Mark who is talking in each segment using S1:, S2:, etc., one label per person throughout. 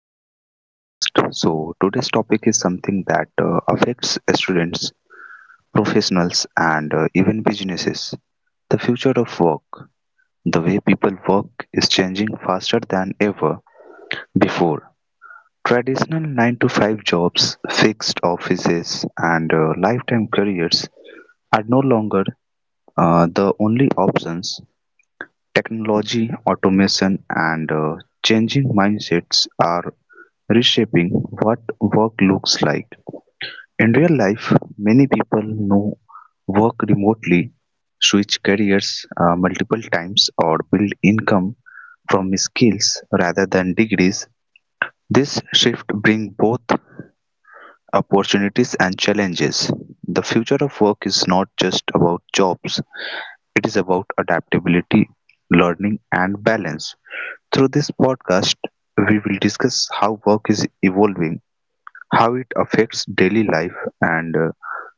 S1: to our new podcast. So today's topic is something that affects students, professionals and even businesses. The future of work. The way people work is changing faster than ever before. Traditional 9 to 5 jobs, fixed offices and lifetime careers are no longer the only options. Technology, automation and changing mindsets are reshaping what work looks like. In real life, many people now work remotely, switch careers multiple times, or build income from skills rather than degrees. This shift brings both opportunities and challenges. The future of work is not just about jobs, it is about adaptability, learning, and balance. Through this podcast, we will discuss how work is evolving, how it affects daily life, and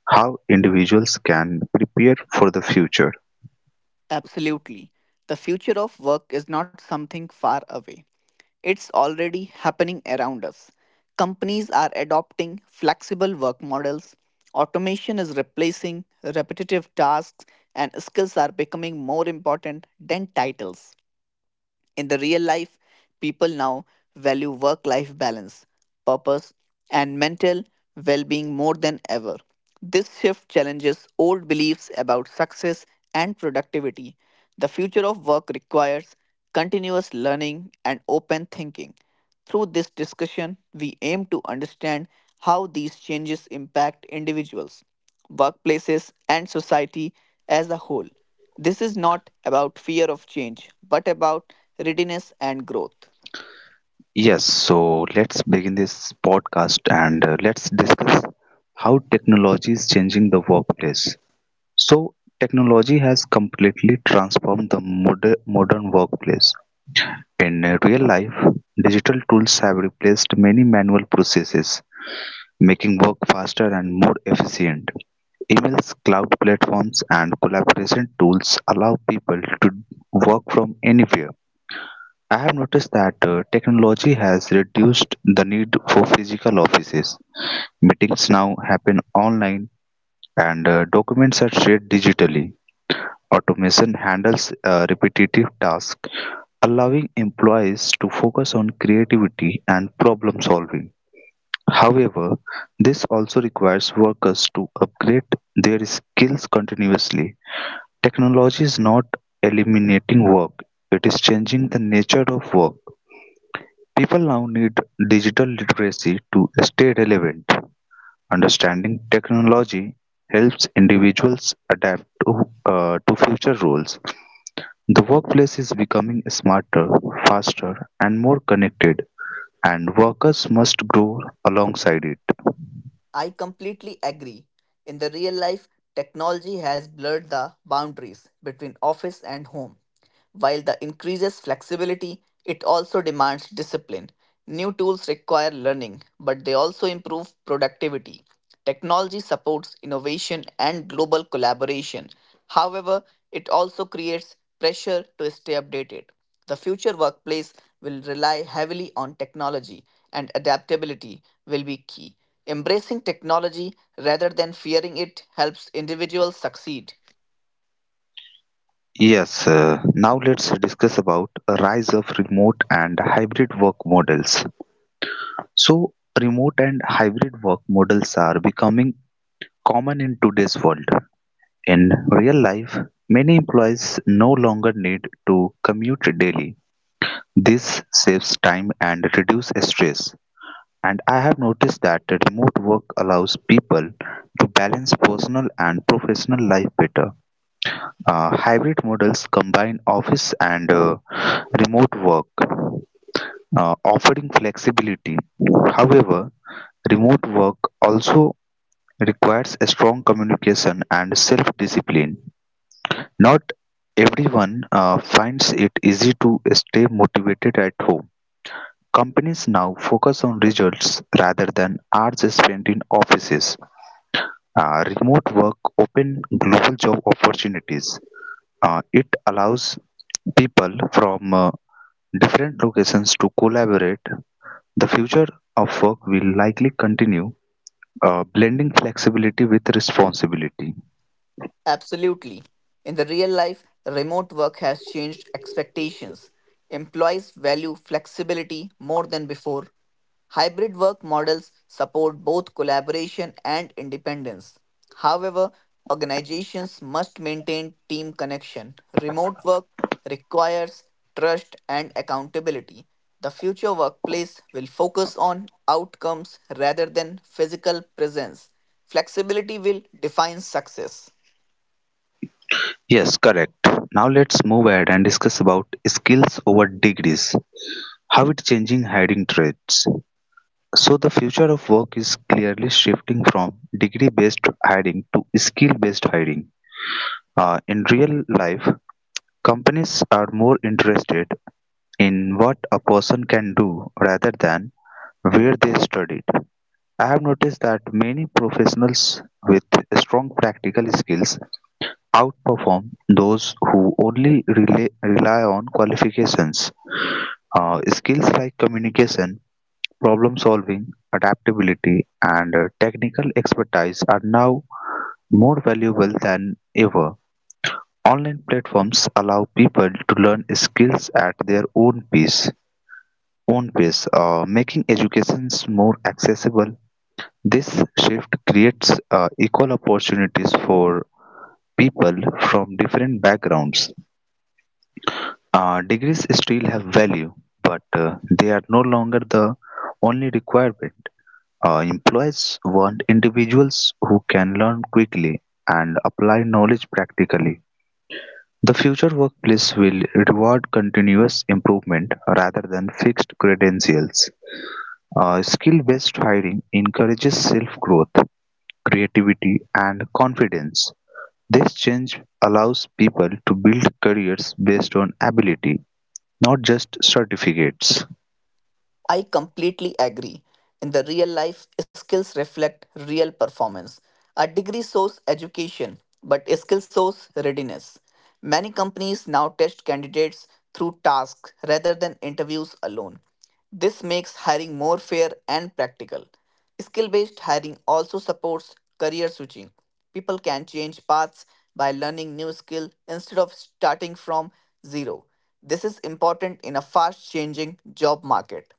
S1: how individuals can prepare for the future.
S2: Absolutely. The future of work is not something far away. It's already happening around us. Companies are adopting flexible work models. Automation is replacing repetitive tasks, and skills are becoming more important than titles. In the real life, people now value work life balance, purpose, and mental well being more than ever. This shift challenges old beliefs about success and productivity. The future of work requires continuous learning and open thinking. Through this discussion, we aim to understand how these changes impact individuals, workplaces, and society as a whole. This is not about fear of change, but about readiness and growth.
S1: Yes, so let's begin this podcast and let's discuss how technology is changing the workplace. So, technology has completely transformed the modern workplace. In real life, digital tools have replaced many manual processes, making work faster and more efficient. Emails, cloud platforms, and collaboration tools allow people to work from anywhere. I have noticed that technology has reduced the need for physical offices. Meetings now happen online, and documents are shared digitally. Automation handles repetitive tasks, allowing employees to focus on creativity and problem solving. However, this also requires workers to upgrade their skills continuously. Technology is not eliminating work, it is changing the nature of work. People now need digital literacy to stay relevant. Understanding technology helps individuals adapt to future roles. The workplace is becoming smarter, faster, and more connected, and workers must grow alongside it.
S2: I completely agree. In the real life, technology has blurred the boundaries between office and home. While the increases flexibility, it also demands discipline. New tools require learning, but they also improve productivity. Technology supports innovation and global collaboration. However, it also creates pressure to stay updated. The future workplace will rely heavily on technology, and adaptability will be key. Embracing technology rather than fearing it helps individuals succeed.
S1: Yes, now let's discuss about a rise of remote and hybrid work models. So, remote and hybrid work models are becoming common in today's world. In real life, many employees no longer need to commute daily. This saves time and reduces stress. And I have noticed that remote work allows people to balance personal and professional life better. Hybrid models combine office and remote work, offering flexibility. However, remote work also requires a strong communication and self-discipline. Not everyone finds it easy to stay motivated at home. Companies now focus on results rather than hours spent in offices. Remote work open global job opportunities. It allows people from different locations to collaborate. The future of work will likely continue blending flexibility with responsibility.
S2: Absolutely. In the real life, remote work has changed expectations. Employees value flexibility more than before. Hybrid work models support both collaboration and independence. However, organizations must maintain team connection. Remote work requires trust and accountability. The future workplace will focus on outcomes rather than physical presence. Flexibility will define success.
S1: Yes, correct. Now let's move ahead and discuss about skills over degrees, how it's changing hiring trends. So the future of work is clearly shifting from degree-based hiring to skill-based hiring. In real life, companies are more interested in what a person can do rather than where they studied. I have noticed that many professionals with strong practical skills outperform those who only rely on qualifications. Skills like communication, problem solving, adaptability, and technical expertise are now more valuable than ever. Online platforms allow people to learn skills at their own pace, making education more accessible. This shift creates equal opportunities for people from different backgrounds. Degrees still have value, but they are no longer the only requirement. Employers want individuals who can learn quickly and apply knowledge practically. The future workplace will reward continuous improvement rather than fixed credentials. Skill based hiring encourages self growth, creativity, and confidence. This change allows people to build careers based on ability, not just certificates.
S2: I completely agree. In the real life, skills reflect real performance. A degree shows education, but skill shows readiness. Many companies now test candidates through tasks rather than interviews alone. This makes hiring more fair and practical. Skill based hiring also supports career switching. People can change paths by learning new skill instead of starting from zero. This is important in a fast changing job market.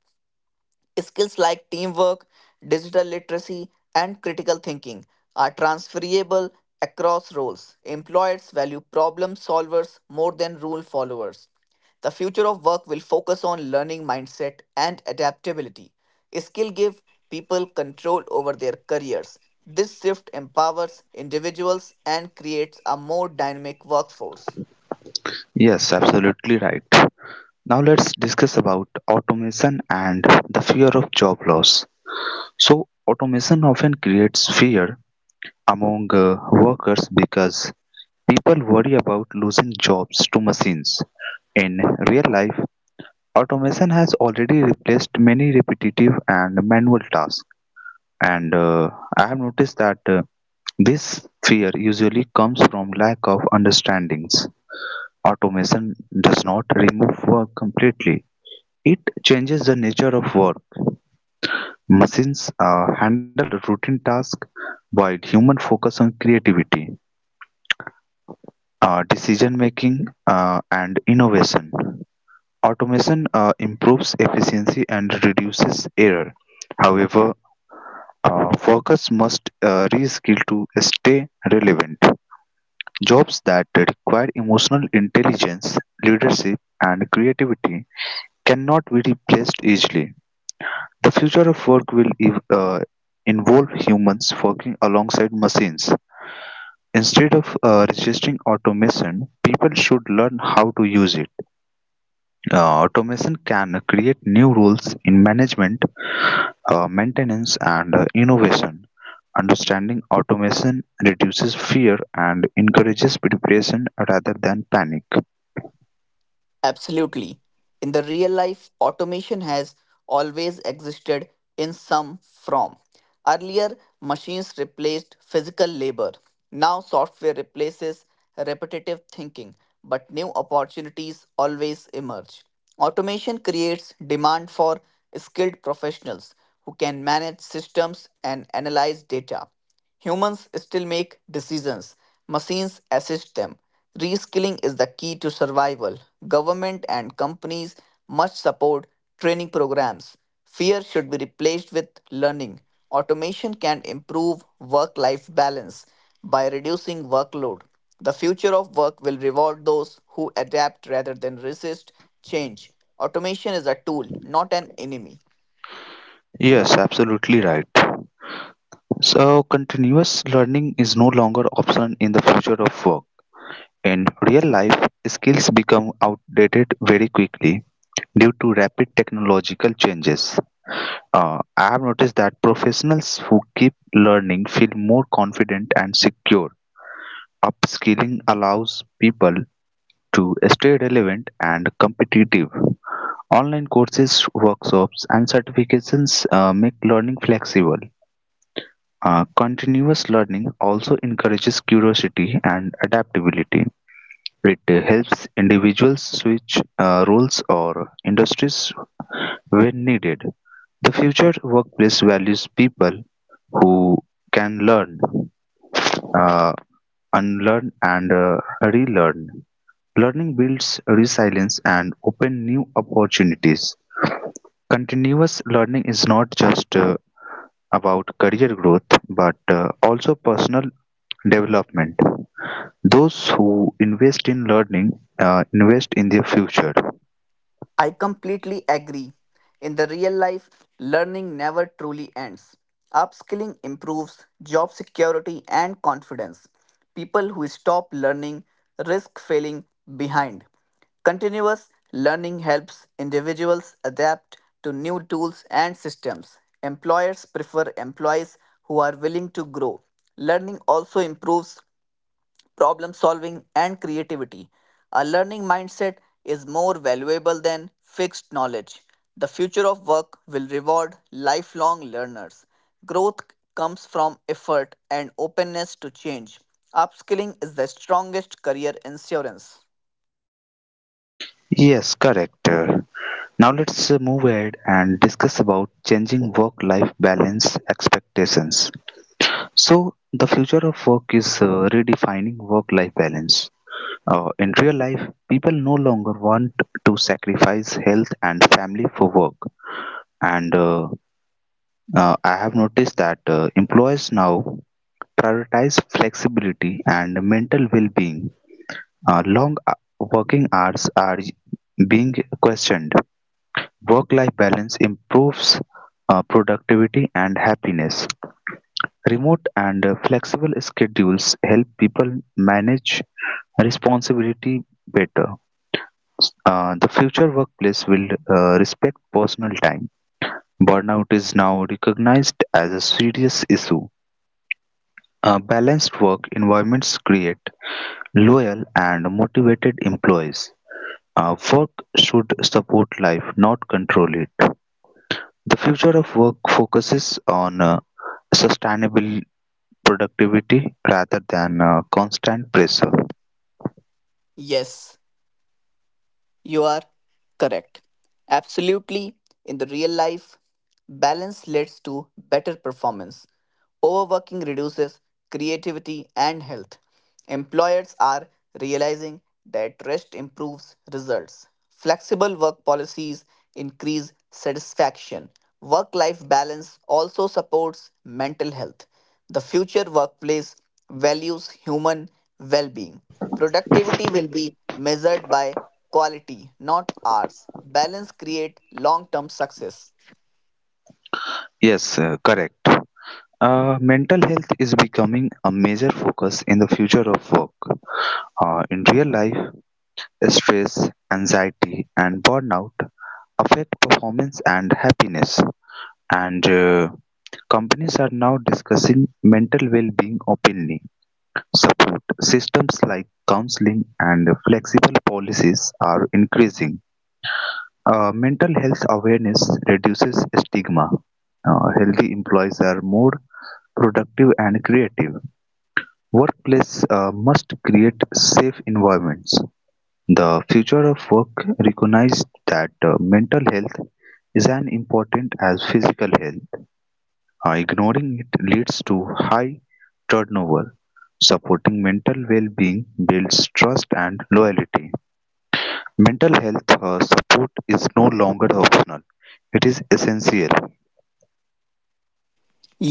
S2: Skills like teamwork, digital literacy, and critical thinking are transferable across roles. Employers value problem solvers more than rule followers. The future of work will focus on learning mindset and adaptability. Skill give people control over their careers. This shift empowers individuals and creates a more dynamic workforce.
S1: Yes, absolutely right. Now let's discuss about automation and the fear of job loss. So, automation often creates fear among workers because people worry about losing jobs to machines. In real life, automation has already replaced many repetitive and manual tasks, and I have noticed that this fear usually comes from lack of understandings. Automation does not remove work completely; it changes the nature of work. Machines handle routine tasks while humans focus on creativity, decision making, and innovation. Automation improves efficiency and reduces error. However, workers must reskill to stay relevant. Jobs that require emotional intelligence, leadership, and creativity cannot be replaced easily. The future of work will involve humans working alongside machines. Instead of resisting automation, people should learn how to use it. Automation can create new rules in management, maintenance, and innovation. Understanding automation reduces fear and encourages preparation rather than panic.
S2: Absolutely. In the real life, automation has always existed in some form. Earlier, machines replaced physical labor. Now, software replaces repetitive thinking, but new opportunities always emerge. Automation creates demand for skilled professionals who can manage systems and analyze data. Humans still make decisions, machines assist them. Reskilling is the key to survival. Government and companies must support training programs. Fear should be replaced with learning. Automation can improve work life balance by reducing workload. The future of work will reward those who adapt rather than resist change. Automation is a tool, not an enemy.
S1: Yes, absolutely right. So, continuous learning is no longer optional in the future of work. In real life, skills become outdated very quickly due to rapid technological changes. I have noticed that professionals who keep learning feel more confident and secure. Upskilling allows people to stay relevant and competitive. Online courses, workshops, and certifications make learning flexible. Continuous learning also encourages curiosity and adaptability. It helps individuals switch roles or industries when needed. The future workplace values people who can learn, uh, unlearn, and relearn. Learning builds resilience and open new opportunities. Continuous learning is not just about career growth but also personal development. Those who invest in learning invest in their future.
S2: I completely agree. In the real life, learning never truly ends. Upskilling improves job security and confidence. People who stop learning risk failing behind. Continuous learning helps individuals adapt to new tools and systems. Employers prefer employees are willing to grow. Learning also improves problem solving, and creativity. A learning mindset is more valuable than fixed knowledge. The future of work will reward lifelong learners. Growth comes from effort and openness to change. Upskilling is the strongest career insurance.
S1: Yes, correct. Now let's move ahead and discuss about changing work-life balance expectations. So the future of work is redefining work-life balance. In real life, people no longer want to sacrifice health and family for work. And I have noticed that employers now prioritize flexibility and mental well-being. Long working hours are being questioned. Work-life balance improves productivity and happiness. Remote and flexible schedules help people manage responsibility better. The future workplace will respect personal time. Burnout is now recognized as a serious issue. Balanced work environments create loyal and motivated employees. Work should support life, not control it. The future of work focuses on sustainable productivity rather than constant pressure.
S2: Yes, you are correct. Absolutely. In the real life, balance leads to better performance. Overworking reduces creativity and health. Employers are realizing that rest improves results. Flexible work policies increase satisfaction. Work life balance also supports mental health. The future workplace values human well being. Productivity will be measured by quality, not hours. Balance create long term success.
S1: Yes, correct. Mental health is becoming a major focus in the future of work. In real life, stress, anxiety, and burnout affect performance and happiness, and companies are now discussing mental well being openly. Support systems like counseling and flexible policies are increasing. Mental health awareness reduces stigma. Healthy employees are more productive and creative. Workplace must create safe environments. The future of work recognizes that mental health is as important as physical health. Ignoring it leads to high turnover. Supporting mental well being builds trust and loyalty. Mental health support is no longer optional, it is essential.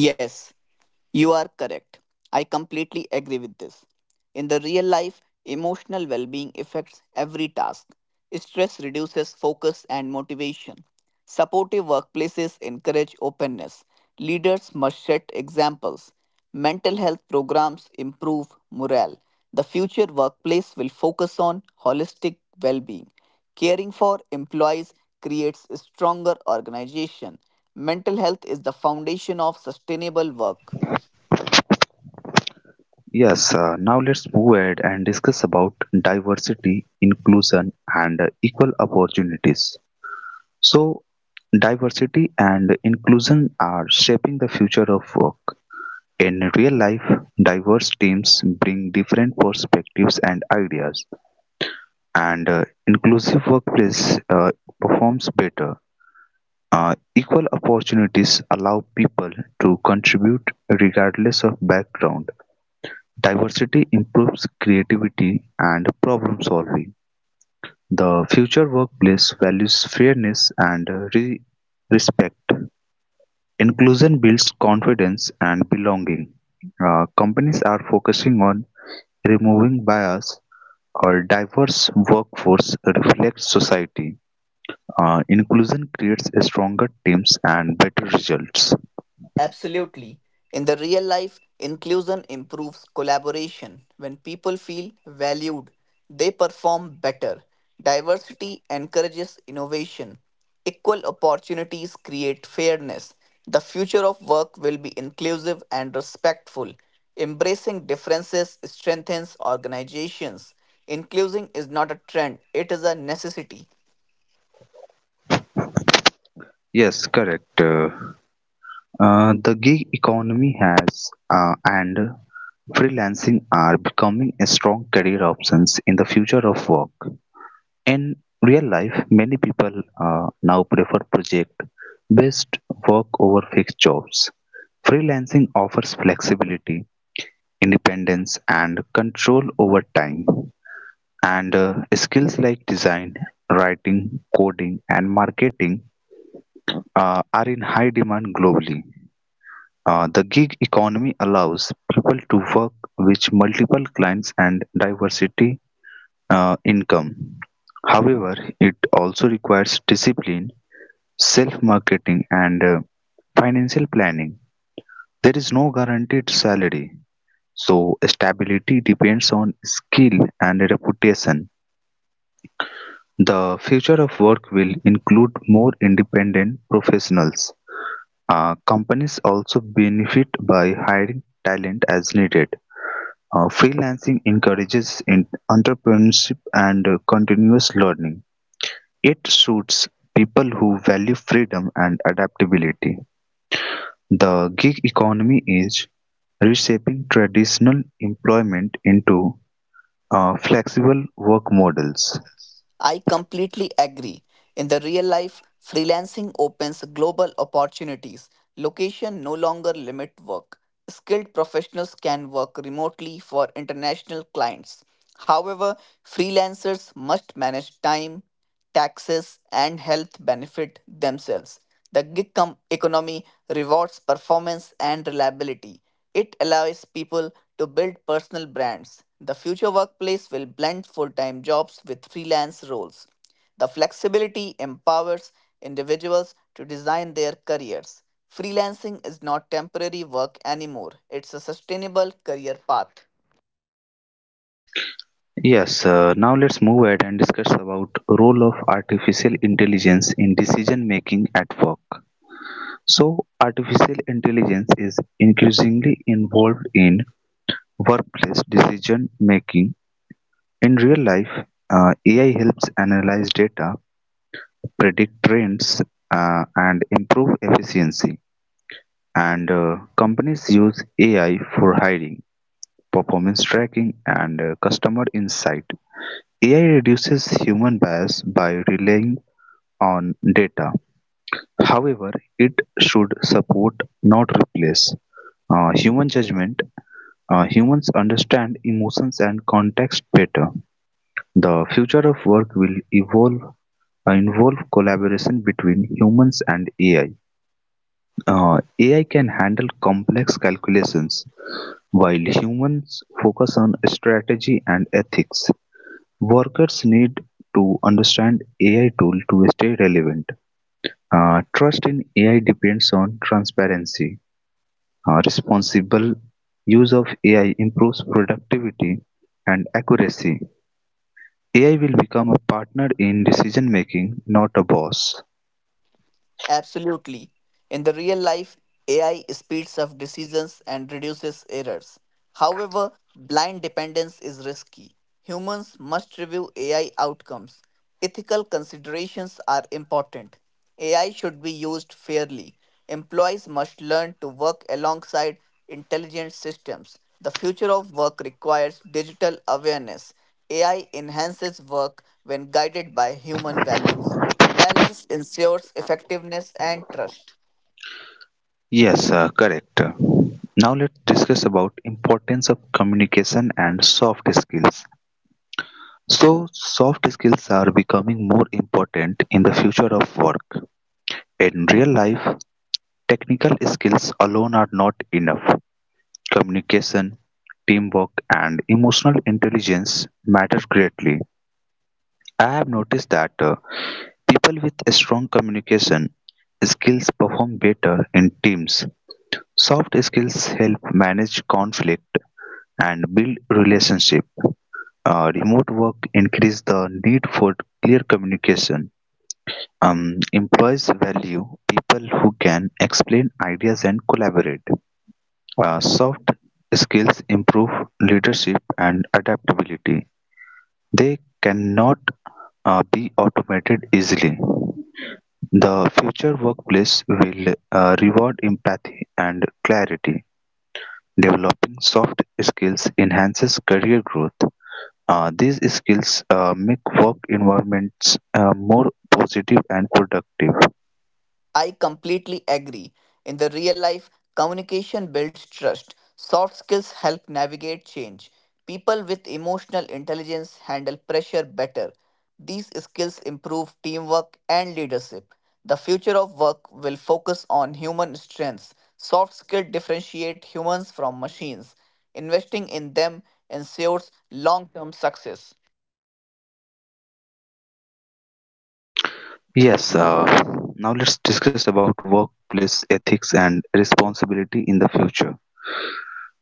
S2: Yes. You are correct. I completely agree with this. In the real life, emotional well being affects every task. Stress reduces focus and motivation. Supportive workplaces encourage openness. Leaders must set examples. Mental health programs improve morale. The future workplace will focus on holistic well being. Caring for employees creates a stronger organization. Mental health is the foundation of sustainable work.
S1: Yes, now let's move ahead and discuss about diversity, inclusion, and equal opportunities. So, diversity and inclusion are shaping the future of work. In real life, diverse teams bring different perspectives and ideas, and inclusive workplace performs better. Equal opportunities allow people to contribute regardless of background. Diversity improves creativity and problem solving. The future workplace values fairness and respect. Inclusion builds confidence and belonging. Companies are focusing on removing bias or diverse workforce reflects society. Inclusion creates stronger teams and better results.
S2: Absolutely. In the real life, inclusion improves collaboration. When people feel valued, they perform better. Diversity encourages innovation. Equal opportunities create fairness. The future of work will be inclusive and respectful. Embracing differences strengthens organizations. Inclusion is not a trend, it is a necessity.
S1: Yes, correct. The gig economy has and freelancing are becoming a strong career options in the future of work. In real life, many people now prefer project based work over fixed jobs. Freelancing offers flexibility, independence, and control over time, and skills like design, writing, coding, and marketing are in high demand globally. The gig economy allows people to work with multiple clients and diversity income. However, it also requires discipline, self marketing, and financial planning. There is no guaranteed salary, so stability depends on skill and reputation. The future of work will include more independent professionals. Companies also benefit by hiring talent as needed. Freelancing encourages entrepreneurship and continuous learning. It suits people who value freedom and adaptability. The gig economy is reshaping traditional employment into flexible work models.
S2: I completely agree. In the real life, freelancing opens global opportunities. Location no longer limit work. Skilled professionals can work remotely for international clients. However, freelancers must manage time, taxes, and health benefit themselves. The gig economy rewards performance and reliability. It allows people to build personal brands. The future workplace will blend full time jobs with freelance roles. The flexibility empowers individuals to design their careers. Freelancing is not temporary work anymore, it's a sustainable career path.
S1: Yes, now let's move ahead and discuss about role of artificial intelligence in decision making at work. So, artificial intelligence is increasingly involved in workplace decision making. In real life, AI helps analyze data, predict trends, and improve efficiency. And companies use AI for hiring, performance tracking, and customer insight. AI reduces human bias by relaying on data. However, it should support, not replace, human judgment. Humans understand emotions and context better. The future of work will involve collaboration between humans and AI. AI can handle complex calculations while humans focus on strategy and ethics. Workers need to understand AI tool to stay relevant. Trust in AI depends on transparency. Responsible use of AI improves productivity and accuracy. AI will become a partner in decision making, not a boss.
S2: Absolutely. In the real life, AI speeds up decisions and reduces errors. However, blind dependence is risky. Humans must review AI outcomes. Ethical considerations are important. AI should be used fairly. Employees must learn to work alongside intelligent systems. The future of work requires digital awareness. AI enhances work when guided by human values. Balance ensures effectiveness and trust.
S1: Yes, correct. Now let's discuss about importance of communication and soft skills. So soft skills are becoming more important in the future of work. In real life, technical skills alone are not enough. Communication, teamwork, and emotional intelligence matter greatly. I have noticed that people with strong communication skills perform better in teams. Soft skills help manage conflict and build relationship. Remote work increase the need for clear communication. Employees value people who can explain ideas and collaborate. Soft skills improve leadership and adaptability. They cannot be automated easily. The future workplace will reward empathy and clarity. Developing soft skills enhances career growth. These skills make work environments more positive and productive.
S2: I completely agree. In the real life, communication builds trust. Soft skills help navigate change. People with emotional intelligence handle pressure better. These skills improve teamwork and leadership. The future of work will focus on human strengths. Soft skills differentiate humans from machines. Investing in them ensures long term success.
S1: Yes, now let's discuss about workplace ethics and responsibility in the future.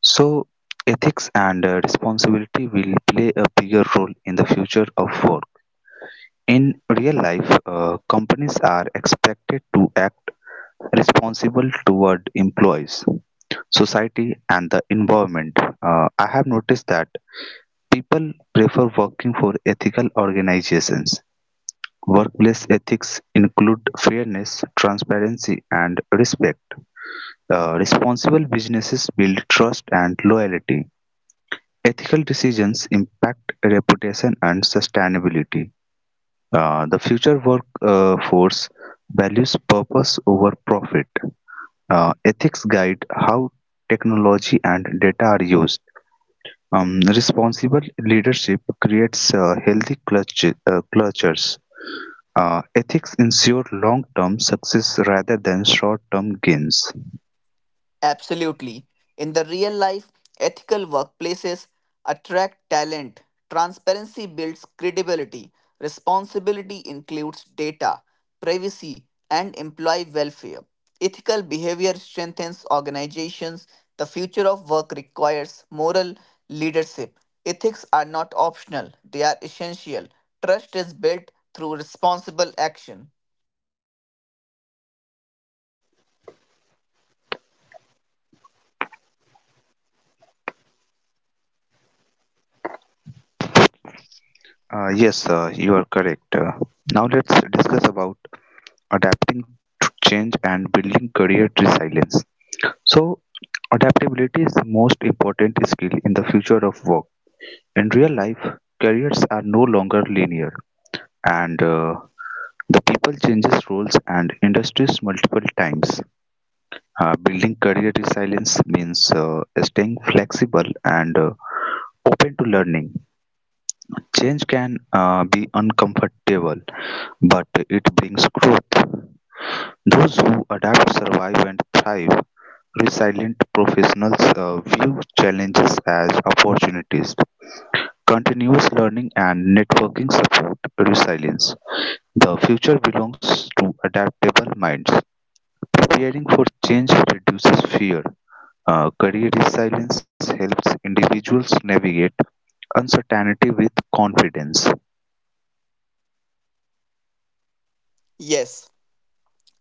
S1: So ethics and responsibility will play a bigger role in the future of work. In real life, companies are expected to act responsible toward employees, society, and the environment. I have noticed that people prefer working for ethical organizations. Workplace ethics include fairness, transparency, and respect. Responsible businesses build trust and loyalty. Ethical decisions impact reputation and sustainability. The future workforce values purpose over profit. Ethics guide how technology and data are used. Responsible leadership creates healthy cultures. Ethics ensure long-term success rather than short-term gains.
S2: Absolutely. In the real life, ethical workplaces attract talent. Transparency builds credibility. Responsibility includes data, privacy, and employee welfare. Ethical behavior strengthens organizations. The future of work requires moral leadership. Ethics are not optional, they are essential. Trust is built through responsible action.
S1: Yes, you are correct. Now let's discuss about adapting to change and building career resilience. So, adaptability is the most important skill in the future of work. In real life, careers are no longer linear and the people changes roles and industries multiple times. Building career resilience means staying flexible and open to learning. Change can be uncomfortable, but it brings growth. Those who adapt survive and thrive. Resilient professionals view challenges as opportunities, continuous learning and networking support resilience. The future belongs to adaptable minds. Preparing for change reduces fear. Career resilience helps individuals navigate uncertainty with confidence.
S2: Yes.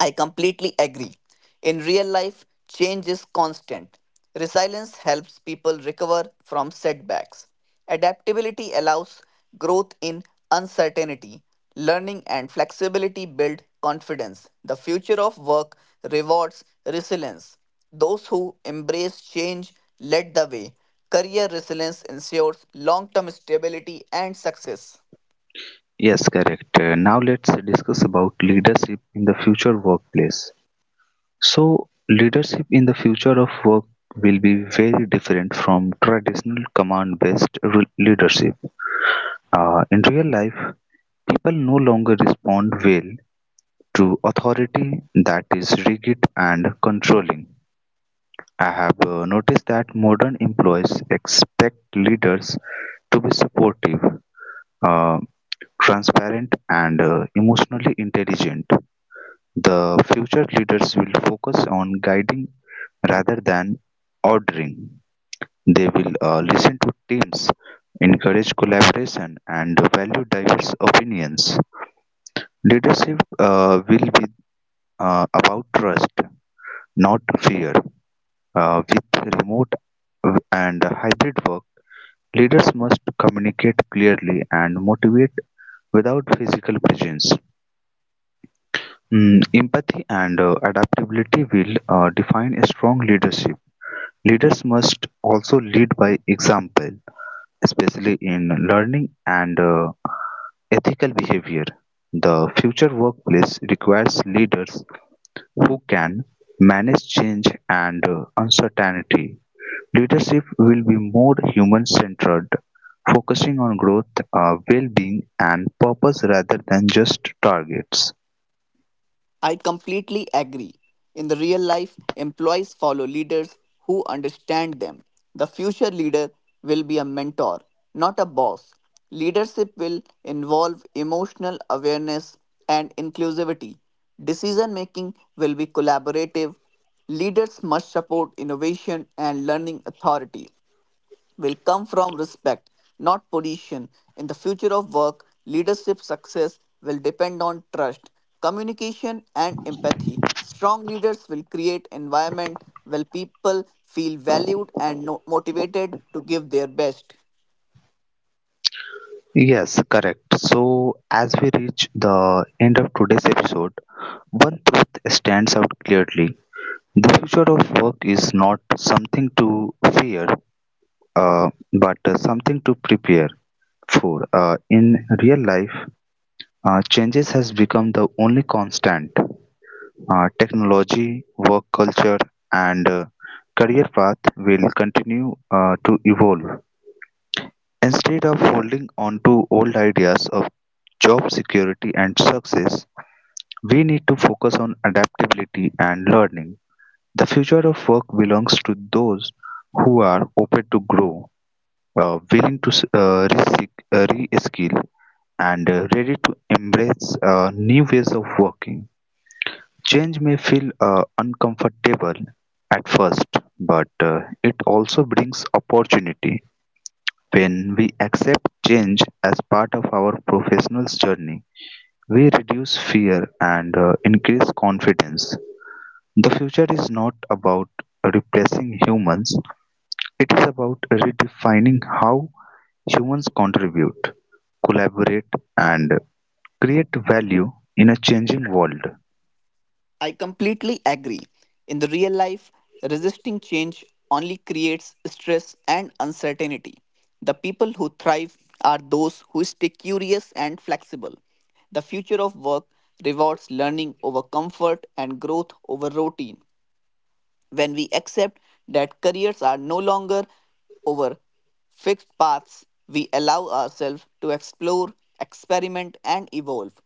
S2: I completely agree. In real life, change is constant. Resilience helps people recover from setbacks. Adaptability allows growth in uncertainty. Learning and flexibility build confidence. The future of work rewards resilience. Those who embrace change lead the way. Career resilience ensures long term stability and success.
S1: Yes, correct. Now let's discuss about leadership in the future workplace. So leadership in the future of work will be very different from traditional command based leadership. In real life, people no longer respond well to authority that is rigid and controlling. I have noticed that modern employees expect leaders to be supportive, uh, transparent, and emotionally intelligent. The future leaders will focus on guiding rather than ordering. They will listen to teams, encourage collaboration, and value diverse opinions. Leadership will be about trust, not fear. With remote and hybrid work, leaders must communicate clearly and motivate without physical presence. Empathy and adaptability will define a strong leadership. Leaders must also lead by example, especially in learning and ethical behavior. The future workplace requires leaders who can manage change and uncertainty. Leadership will be more human centered, focusing on growth, well being, and purpose rather than just targets.
S2: I completely agree. In the real life, employees follow leaders who understand them. The future leader will be a mentor, not a boss. Leadership will involve emotional awareness and inclusivity. Decision making will be collaborative. Leaders must support innovation and learning authority will come from respect, not position. In the future of work, leadership success will depend on trust, communication, and empathy. Strong leaders will create environment where people feel valued and motivated to give their best.
S1: Yes, correct. So, as we reach the end of today's episode, one truth stands out clearly. The future of work is not something to fear, uh, but something to prepare for. In real life, changes has become the only constant. Technology, work culture, and career path will continue to evolve. Instead of holding on to old ideas of job security and success, we need to focus on adaptability and learning. The future of work belongs to those who are open to grow, willing to re-skill, and ready to embrace new ways of working. Change may feel uncomfortable at first, but it also brings opportunity. When we accept change as part of our professional's journey, we reduce fear and increase confidence. The future is not about replacing humans, it is about redefining how humans contribute, collaborate, and create value in a changing world.
S2: I completely agree. In the real life, resisting change only creates stress and uncertainty. The people who thrive are those who stay curious and flexible. The future of work rewards learning over comfort and growth over routine. When we accept that careers are no longer over fixed paths, we allow ourselves to explore, experiment, and evolve.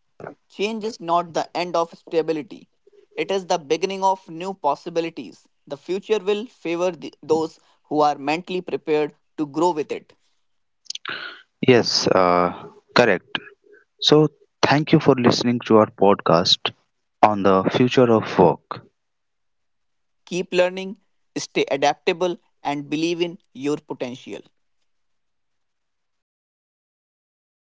S2: Change is not the end of stability, it is the beginning of new possibilities. The future will favor those who are mentally prepared to grow with it.
S1: Yes, correct. So, thank you for listening to our podcast on the future of work.
S2: Keep learning, stay adaptable, and believe in your potential.